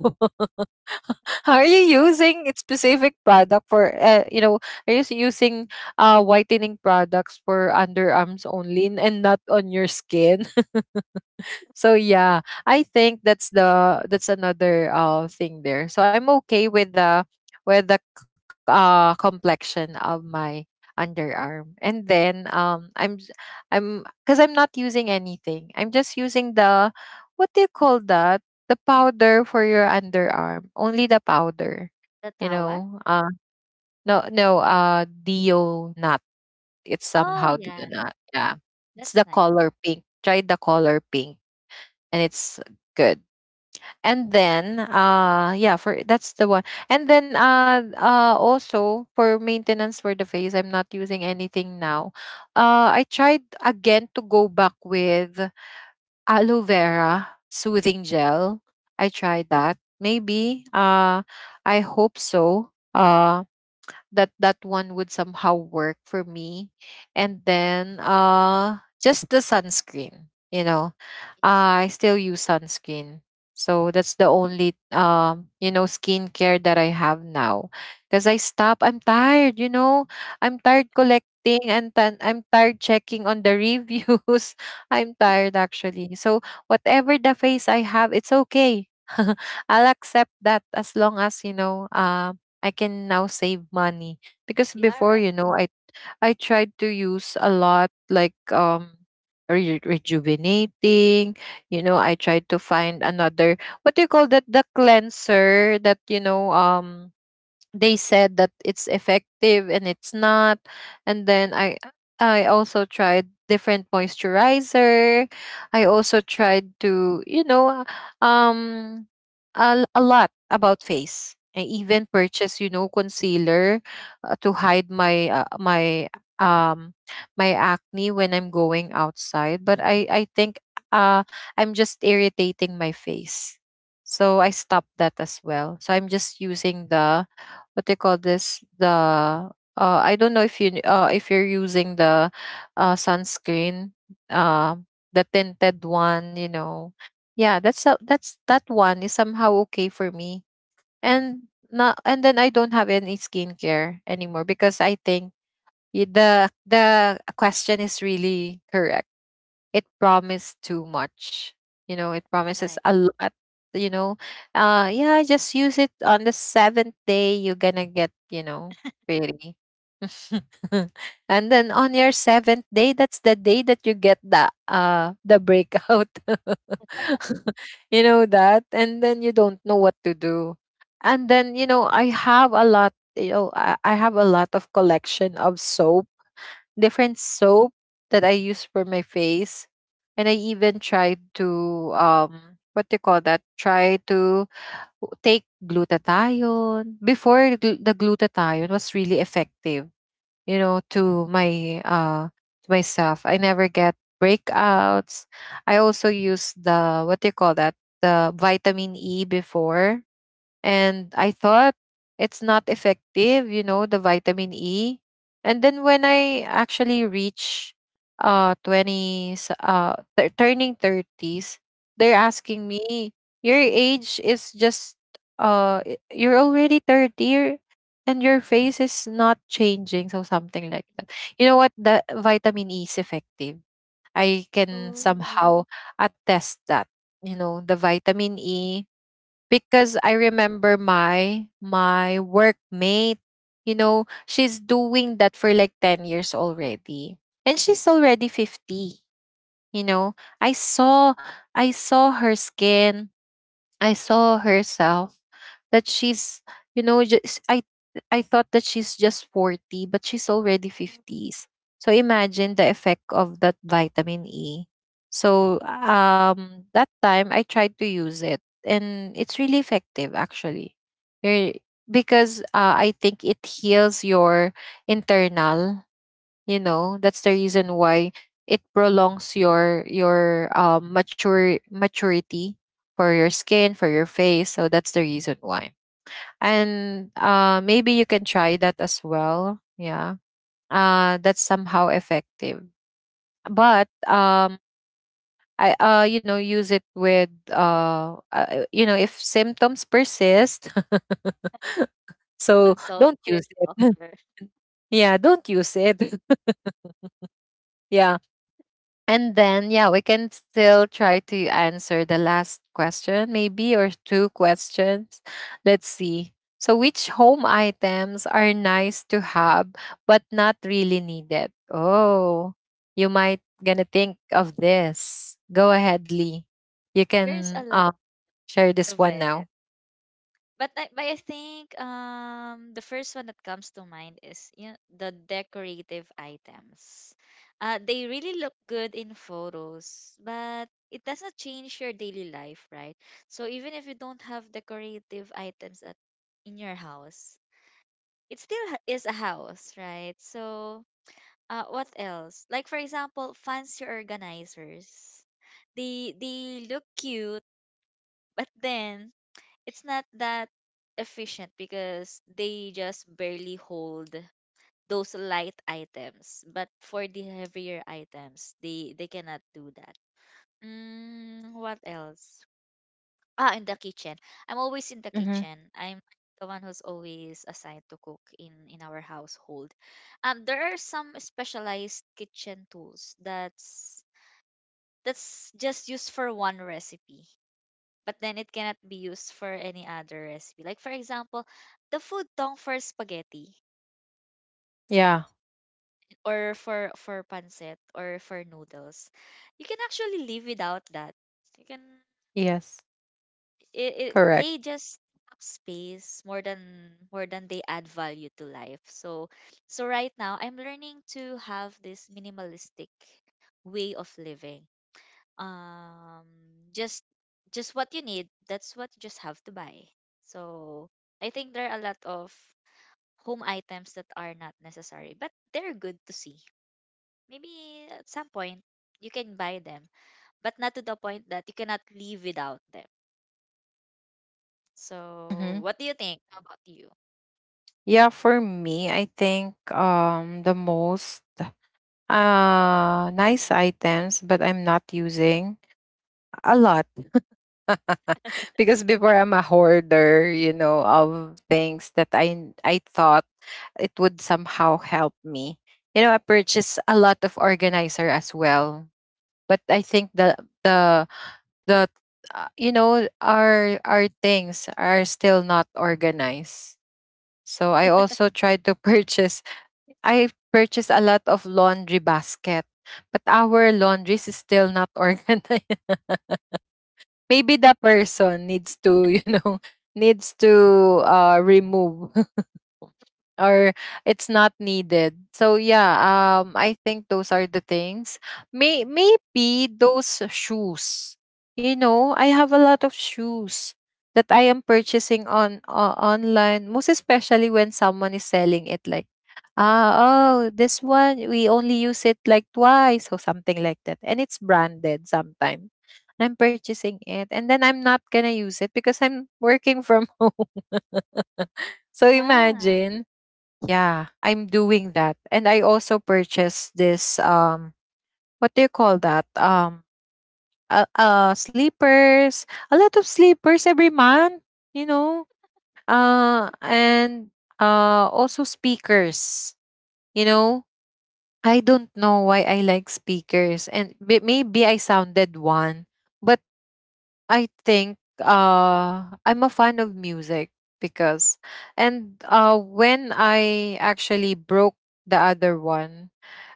[SPEAKER 1] [laughs] Are you using a specific product for you know? Are you using whitening products for underarms only, and not on your skin? So yeah, I think that's the, that's another thing there. So I'm okay with the complexion of my underarm. And then I'm, cuz I'm not using anything. I'm just using the what do you call that? The powder for your underarm. Only the
[SPEAKER 2] the,
[SPEAKER 1] powder.
[SPEAKER 2] the
[SPEAKER 1] You
[SPEAKER 2] tawag?
[SPEAKER 1] know, no no Dio nut. It's
[SPEAKER 2] Oh
[SPEAKER 1] somehow
[SPEAKER 2] yeah,
[SPEAKER 1] Dio nut. Yeah. It's
[SPEAKER 2] that's
[SPEAKER 1] the
[SPEAKER 2] nice.
[SPEAKER 1] color pink. Try the color pink, and it's good. And then yeah for, that's the one. And then also for maintenance for the face, I'm not using anything now. I tried again to go back with aloe vera soothing gel. I tried that, maybe I hope so that that one would somehow work for me. And then just the sunscreen, you know, I still use sunscreen. So that's the only skincare that I have now. Cause I stop. I'm tired, you know. I'm tired collecting and then I'm tired checking on the reviews. [laughs] I'm tired actually. So whatever the face I have, it's okay. [laughs] I'll accept that as long as, I can now save money. Because
[SPEAKER 2] Yeah,
[SPEAKER 1] before,
[SPEAKER 2] right.
[SPEAKER 1] you know, I tried to use a lot like rejuvenating, you know, I tried to find another what do you call that, the cleanser that, you know, they said that it's effective and it's not. And then I also tried different moisturizer. I also tried to, you know, um a lot about face. I
[SPEAKER 2] Mm.
[SPEAKER 1] even purchased, you know, concealer to hide my my um my acne when I'm going outside, but I think uh I'm just irritating my face. So I stopped that as well. So I'm just using the what they call this, the I don't know if you if you're using the sunscreen, uh the tinted one, you know. Yeah, that's, that one is somehow okay for me. And then I don't have any skincare anymore, because I think the question is really correct. It promised too much. You know, it promises
[SPEAKER 2] Right.
[SPEAKER 1] a lot. You know, yeah, just use it on the seventh day. You're gonna get, you know, pretty. [laughs] And then on your seventh day, that's the day that you get the breakout. [laughs] You know that, and then you don't know what to do. And then, you know, I have a lot. You know, I have a lot of collection of soap, different soap, that I use for my face. And I even tried to, what do you call that, try to take glutathione. Before the the glutathione was really effective, you know, to my to myself. I never get breakouts. I also use the what do you call that? The vitamin E before, and I thought it's not effective, you know, the vitamin E. And then when I actually reach 20s turning 30s, they're asking me, "Your age is just you're already 30 and your face is not changing." So something like that. You know what? The vitamin E is effective. I can
[SPEAKER 2] Oh.
[SPEAKER 1] somehow attest that, you know, the vitamin E, because I remember my workmate, you know, she's doing that for like 10 years already. And she's already 50, you know. I saw, I saw her skin, I saw herself, that she's, you know, just I thought that she's just 40, but she's already 50s. So imagine the effect of that vitamin E. So that time I tried to use it and it's really effective actually. Eh, Because I think it heals your internal, you know, that's the reason why it prolongs your mature maturity for your skin, for your face. So that's the reason why. And maybe you can try that as well. Yeah, that's somehow effective. But I, you know, use it with, you know, if symptoms persist. [laughs] So
[SPEAKER 2] Consult
[SPEAKER 1] don't
[SPEAKER 2] your
[SPEAKER 1] use it.
[SPEAKER 2] doctor.
[SPEAKER 1] [laughs] Yeah, don't use it. [laughs] Yeah. And then, yeah, we can still try to answer the last question, maybe, or two questions. Let's see. So, which home items are nice to have but not really needed? Oh, you might gonna think of this. Go ahead, Lee. You
[SPEAKER 2] There's a
[SPEAKER 1] can,
[SPEAKER 2] lot
[SPEAKER 1] share this
[SPEAKER 2] of
[SPEAKER 1] one
[SPEAKER 2] it.
[SPEAKER 1] now.
[SPEAKER 2] But I think the first one that comes to mind is, you know, the decorative items. They really look good in photos, but it doesn't change your daily life, right? So even if you don't have decorative items at in your house, it still is a house, right? So what else? Like for example, fancy organizers, they look cute. But then it's not that efficient, because they just barely hold those light items. But for the heavier items, they cannot do that. Mm, what else? Ah, in the kitchen. I'm always in the
[SPEAKER 1] Mm-hmm.
[SPEAKER 2] kitchen. I'm the one who's always assigned to cook in our household. There are some specialized kitchen tools that's just used for one recipe, but then it cannot be used for any other recipe. Like for example, the food tong for spaghetti
[SPEAKER 1] Yeah.
[SPEAKER 2] or for pancit or for noodles. You can actually live without that. You can
[SPEAKER 1] Yes.
[SPEAKER 2] it, it
[SPEAKER 1] Correct.
[SPEAKER 2] they just up space more than they add value to life. So right now I'm learning to have this minimalistic way of living, um just what you need, that's what you just have to buy. So I think there are a lot of home items that are not necessary, but they're good to see maybe at some point. You can buy them, but not to the point that you cannot live without them. So
[SPEAKER 1] Mm-hmm.
[SPEAKER 2] what do you think? How about you?
[SPEAKER 1] Yeah. For me, I think the most nice items but I'm not using a lot. [laughs] Because before I'm a hoarder, you know, of things that I thought it would somehow help me. You know, I purchased a lot of organizer as well, but I think the the you know, our things are still not organized. So I also tried to [laughs] purchase, I've purchased a lot of laundry basket, but our laundries is still not organized. [laughs] Maybe the person needs to, you know, [laughs] needs to, remove. [laughs] Or it's not needed. So yeah, I think those are the things. Maybe those shoes. You know, I have a lot of shoes that I am
[SPEAKER 2] Mm,
[SPEAKER 1] purchasing on, online, most especially when someone is selling it like, ah, oh, this one we only use it like twice or something like that, and it's branded sometimes. I'm purchasing it and then I'm not gonna use it because I'm working from [laughs] home. [laughs] So
[SPEAKER 2] yeah.
[SPEAKER 1] imagine. Yeah, I'm doing that. And I also purchased this, what do you call that? Sleepers, a lot of sleepers every month, you know. And Also speakers, you know. I don't know why I like speakers, and maybe I sounded one, but I think I'm a fan of music, because, and when I actually broke the other one,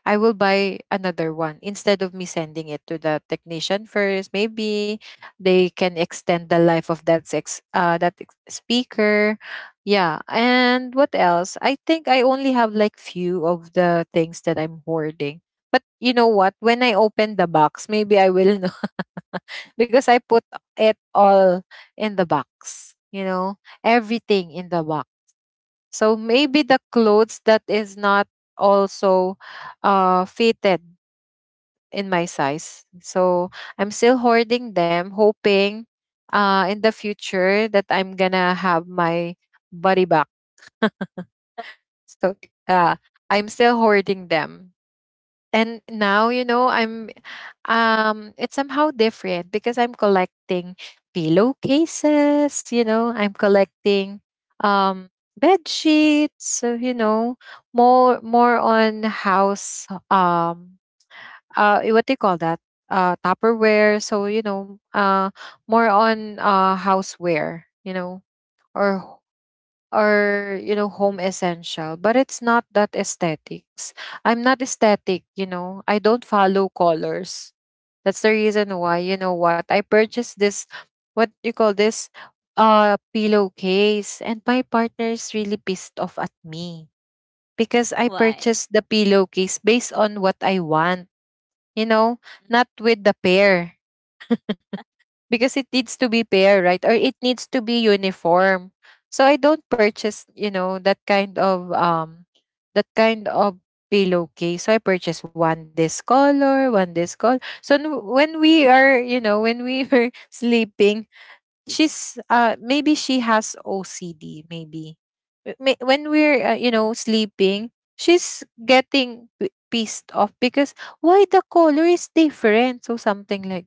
[SPEAKER 1] I will buy another one instead of me sending it to the technician first. Maybe they can extend the life of that sex, that speaker. Yeah, and what else? I think I only have like few of the things that I'm hoarding. But you know what? When I open the box, maybe I will know, [laughs] because I put it all in the box. You know, everything in the box. So maybe the clothes that is not also fitted in my size. So I'm still hoarding them, hoping in the future that I'm gonna have my body back.
[SPEAKER 2] [laughs]
[SPEAKER 1] So uh I'm still hoarding them. And now, you know, I'm, it's somehow different because I'm collecting pillowcases, you know, I'm collecting, um bed sheets, so you know, more, more on house, what they call that, tupperware. So you know, more on houseware, you know, or or, you know, home essential, but it's not that aesthetics. I'm not aesthetic, you know. I don't follow colors. That's the reason why, you know what, I purchased this what you call this, pillowcase, and my partner is really pissed off at me because I
[SPEAKER 2] Why.
[SPEAKER 1] purchased the pillowcase based on what I want, you know,
[SPEAKER 2] Mm,
[SPEAKER 1] not with the pair, because it needs to be pair, right? Or it needs to be uniform. So I don't purchase, you know, that kind of, that kind of pillowcase. So I purchase one this color, one this color. So when we are, you know, when we were [laughs] sleeping, she's, maybe she has OCD maybe. When we're, you know, sleeping, she's getting pissed off, because why the color is different, so something like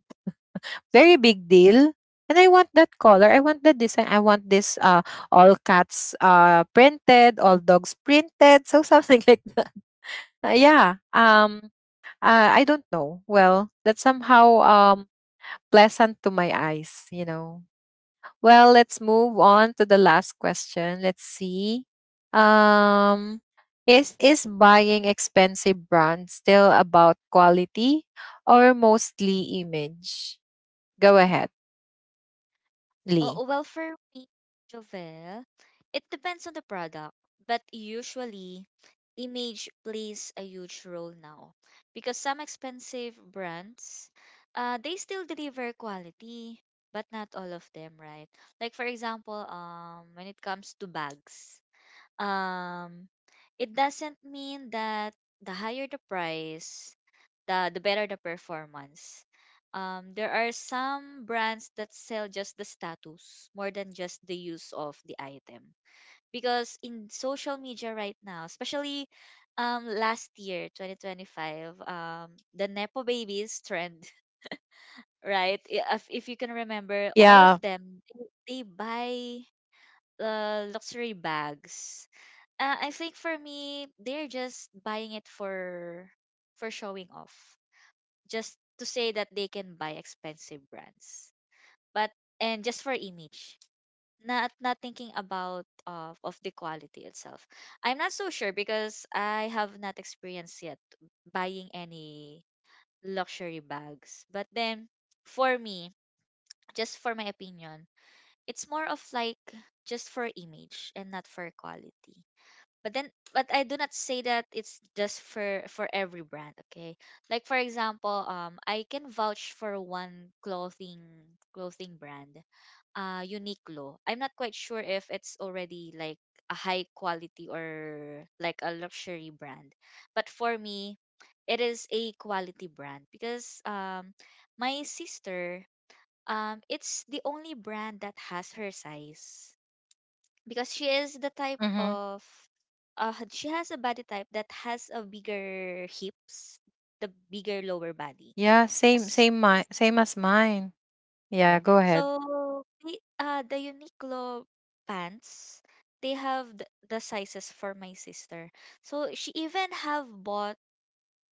[SPEAKER 1] very big deal. And I want that color. I want that design. I want this all cats, printed, all dogs printed. So something [laughs] like that. Yeah. I don't know. Well, that's somehow, pleasant to my eyes, you know. Well, let's move on to the last question. Let's see.
[SPEAKER 2] okay.
[SPEAKER 1] Um is buying expensive brands still about quality or mostly image? Go ahead, Lee.
[SPEAKER 2] Oh, well, for me, Jovel, it depends on the product, but usually image plays a huge role now, because some expensive brands, they still deliver quality, but not all of them, right? Like for example, when it comes to bags, um, it doesn't mean that the higher the price, the better the performance. There are some brands that sell just the status more than just the use of the item. Because in social media right now, especially last year, 2025, the Nepo babies trend, [laughs] right? If, you can remember, all of
[SPEAKER 1] Yeah.
[SPEAKER 2] them, they buy, luxury bags. I think for me, they're just buying it for showing off, just to say that they can buy expensive brands. But and just for image, not thinking about of the quality itself. I'm not so sure because I have not experienced yet buying any luxury bags. But then for me, just for my opinion, it's more of like just for image and not for quality. But then but I do not say that it's just for every brand, okay? Like for example, I can vouch for one clothing brand, uh, Uniqlo. I'm not quite sure if it's already like a high quality or like a luxury brand, but for me, it is a quality brand. Because my sister, it's the only brand that has her size, because she is the type
[SPEAKER 1] Mm-hmm.
[SPEAKER 2] of, she has a body type that has a bigger hips, the bigger lower body
[SPEAKER 1] Yeah, same,
[SPEAKER 2] as
[SPEAKER 1] same, same as mine. Yeah,
[SPEAKER 2] square.
[SPEAKER 1] go ahead.
[SPEAKER 2] So the Uniqlo pants, they have the sizes for my sister. So she even have bought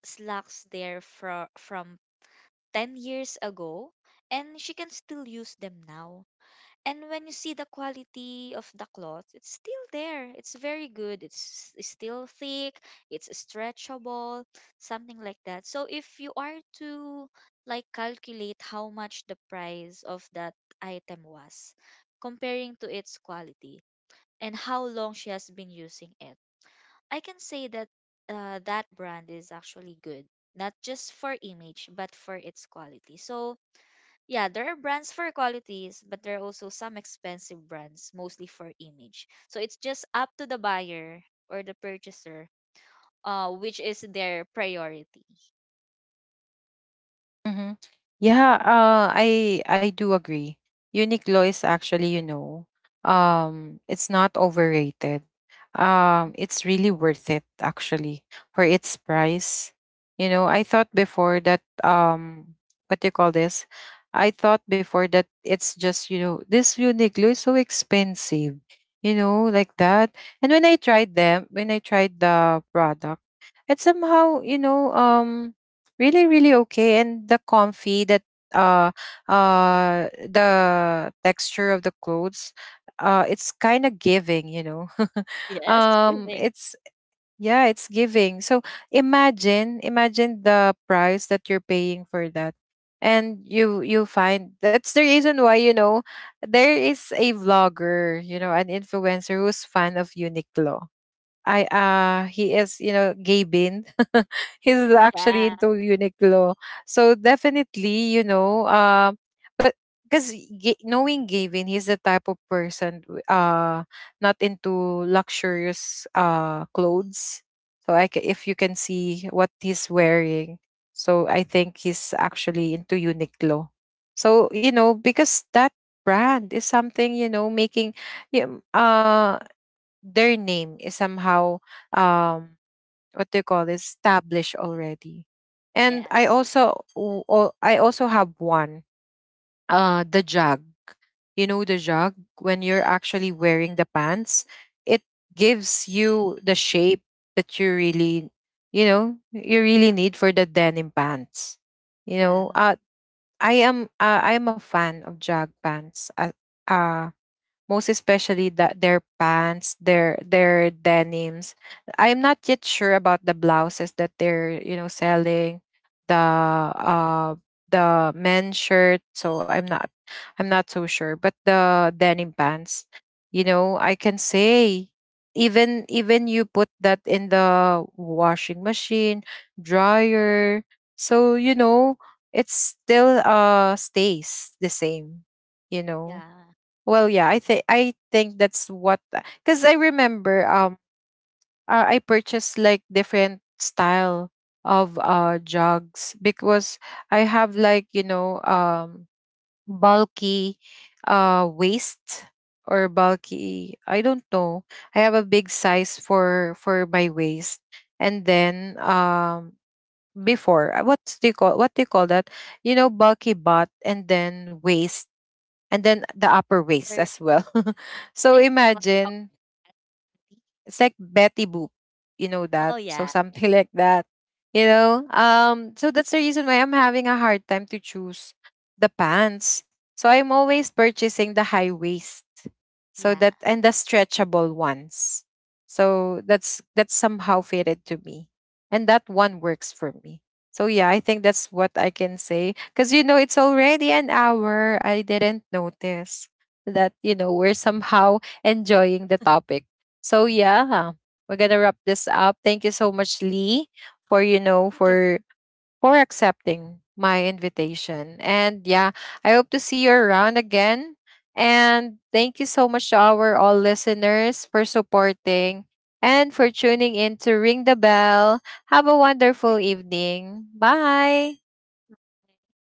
[SPEAKER 2] slacks there from 10 years ago and she can still use them now. And when you see the quality of the cloth, it's still there, it's very good, it's s- still thick, it's stretchable, something like that. So if you are to like calculate how much the price of that item was, comparing to its quality and how long she has been using it, I can say that, that brand is actually good, not just for image but for its quality. So yeah, there are brands for qualities, but there are also some expensive brands, mostly for image. So it's just up to the buyer or the purchaser, which is their priority.
[SPEAKER 1] Mm-hmm. Yeah, I do agree. Uniqlo is actually, you know, it's not overrated.
[SPEAKER 2] Mhm.
[SPEAKER 1] It's really worth it actually for its price. You know, I thought before that, what do you call this? I thought before that it's just, you know, this Uniqlo is so expensive, you know, like that. And when I tried them, when I tried the product, it somehow, you know, really, really okay, and the comfy, that, uh the texture of the clothes, it's kind of giving, you know. [laughs]
[SPEAKER 2] Yes, [laughs] giving.
[SPEAKER 1] It's, yeah, it's giving. So imagine, imagine the price that you're paying for that, and you find, that's the reason why, you know, there is a vlogger, you know, an influencer who's fan of Uniqlo. I, he is, you know, gay bin. [laughs] He's actually
[SPEAKER 2] Yeah.
[SPEAKER 1] into Uniqlo. So definitely, you know, but, because, knowing Gavin, he's the type of person, not into luxurious clothes. So I if you can see what he's wearing. So I think he's actually into Uniqlo. So, you know, because that brand is something, you know, making, yeah, uh their name is somehow, um what do you call it, established already. And
[SPEAKER 2] Yes.
[SPEAKER 1] I also have one, the jog, you know, the jog, when you're
[SPEAKER 2] Yes.
[SPEAKER 1] actually wearing the pants, it gives you the shape that you really, you know, you really need for the denim pants, you know.
[SPEAKER 2] Yeah.
[SPEAKER 1] I am, I am a fan of jog pants, uh most especially that their pants, their denims. I'm not yet sure about the blouses that they're, you know, selling, the uh the men's shirt. So I'm not, I'm not so sure. But the denim pants, you know, I can say, even, even you put that in the washing machine, dryer, so you know, it still stays the same, you know.
[SPEAKER 2] Yeah.
[SPEAKER 1] Well, yeah, I think, I think that's what. Because I remember, I purchased like different style of jogs, because I have like, you know, bulky waist, or bulky, I don't know. I have a big size for my waist. And then, before what's do you call what do you call that, you know, bulky butt, and then waist, and then the upper waist
[SPEAKER 2] Or
[SPEAKER 1] as well. [laughs] So
[SPEAKER 2] like oh,
[SPEAKER 1] imagine,
[SPEAKER 2] [laughs]
[SPEAKER 1] it's like Betty Boop. You know
[SPEAKER 2] oh
[SPEAKER 1] that? So
[SPEAKER 2] yeah.
[SPEAKER 1] something [laughs] like that. You know? So that's the reason why I'm having a hard time to choose the pants. So I'm always purchasing the high waist. So
[SPEAKER 2] Yeah.
[SPEAKER 1] that, and the stretchable ones. So that's somehow fitted to me. And that one works for me. So yeah, I think that's what I can say. Cause you know, it's already an hour. I didn't notice that, you know, we're somehow enjoying the topic. So yeah, we're gonna wrap this up. Thank you so much, Lee, for, you know,
[SPEAKER 2] Good job.
[SPEAKER 1] for accepting my invitation. And yeah, I hope to see you around again. And thank you so much to our all listeners for supporting and for tuning in to Ring the Bell. Have a
[SPEAKER 2] Thank
[SPEAKER 1] wonderful evening. Bye.
[SPEAKER 2] you.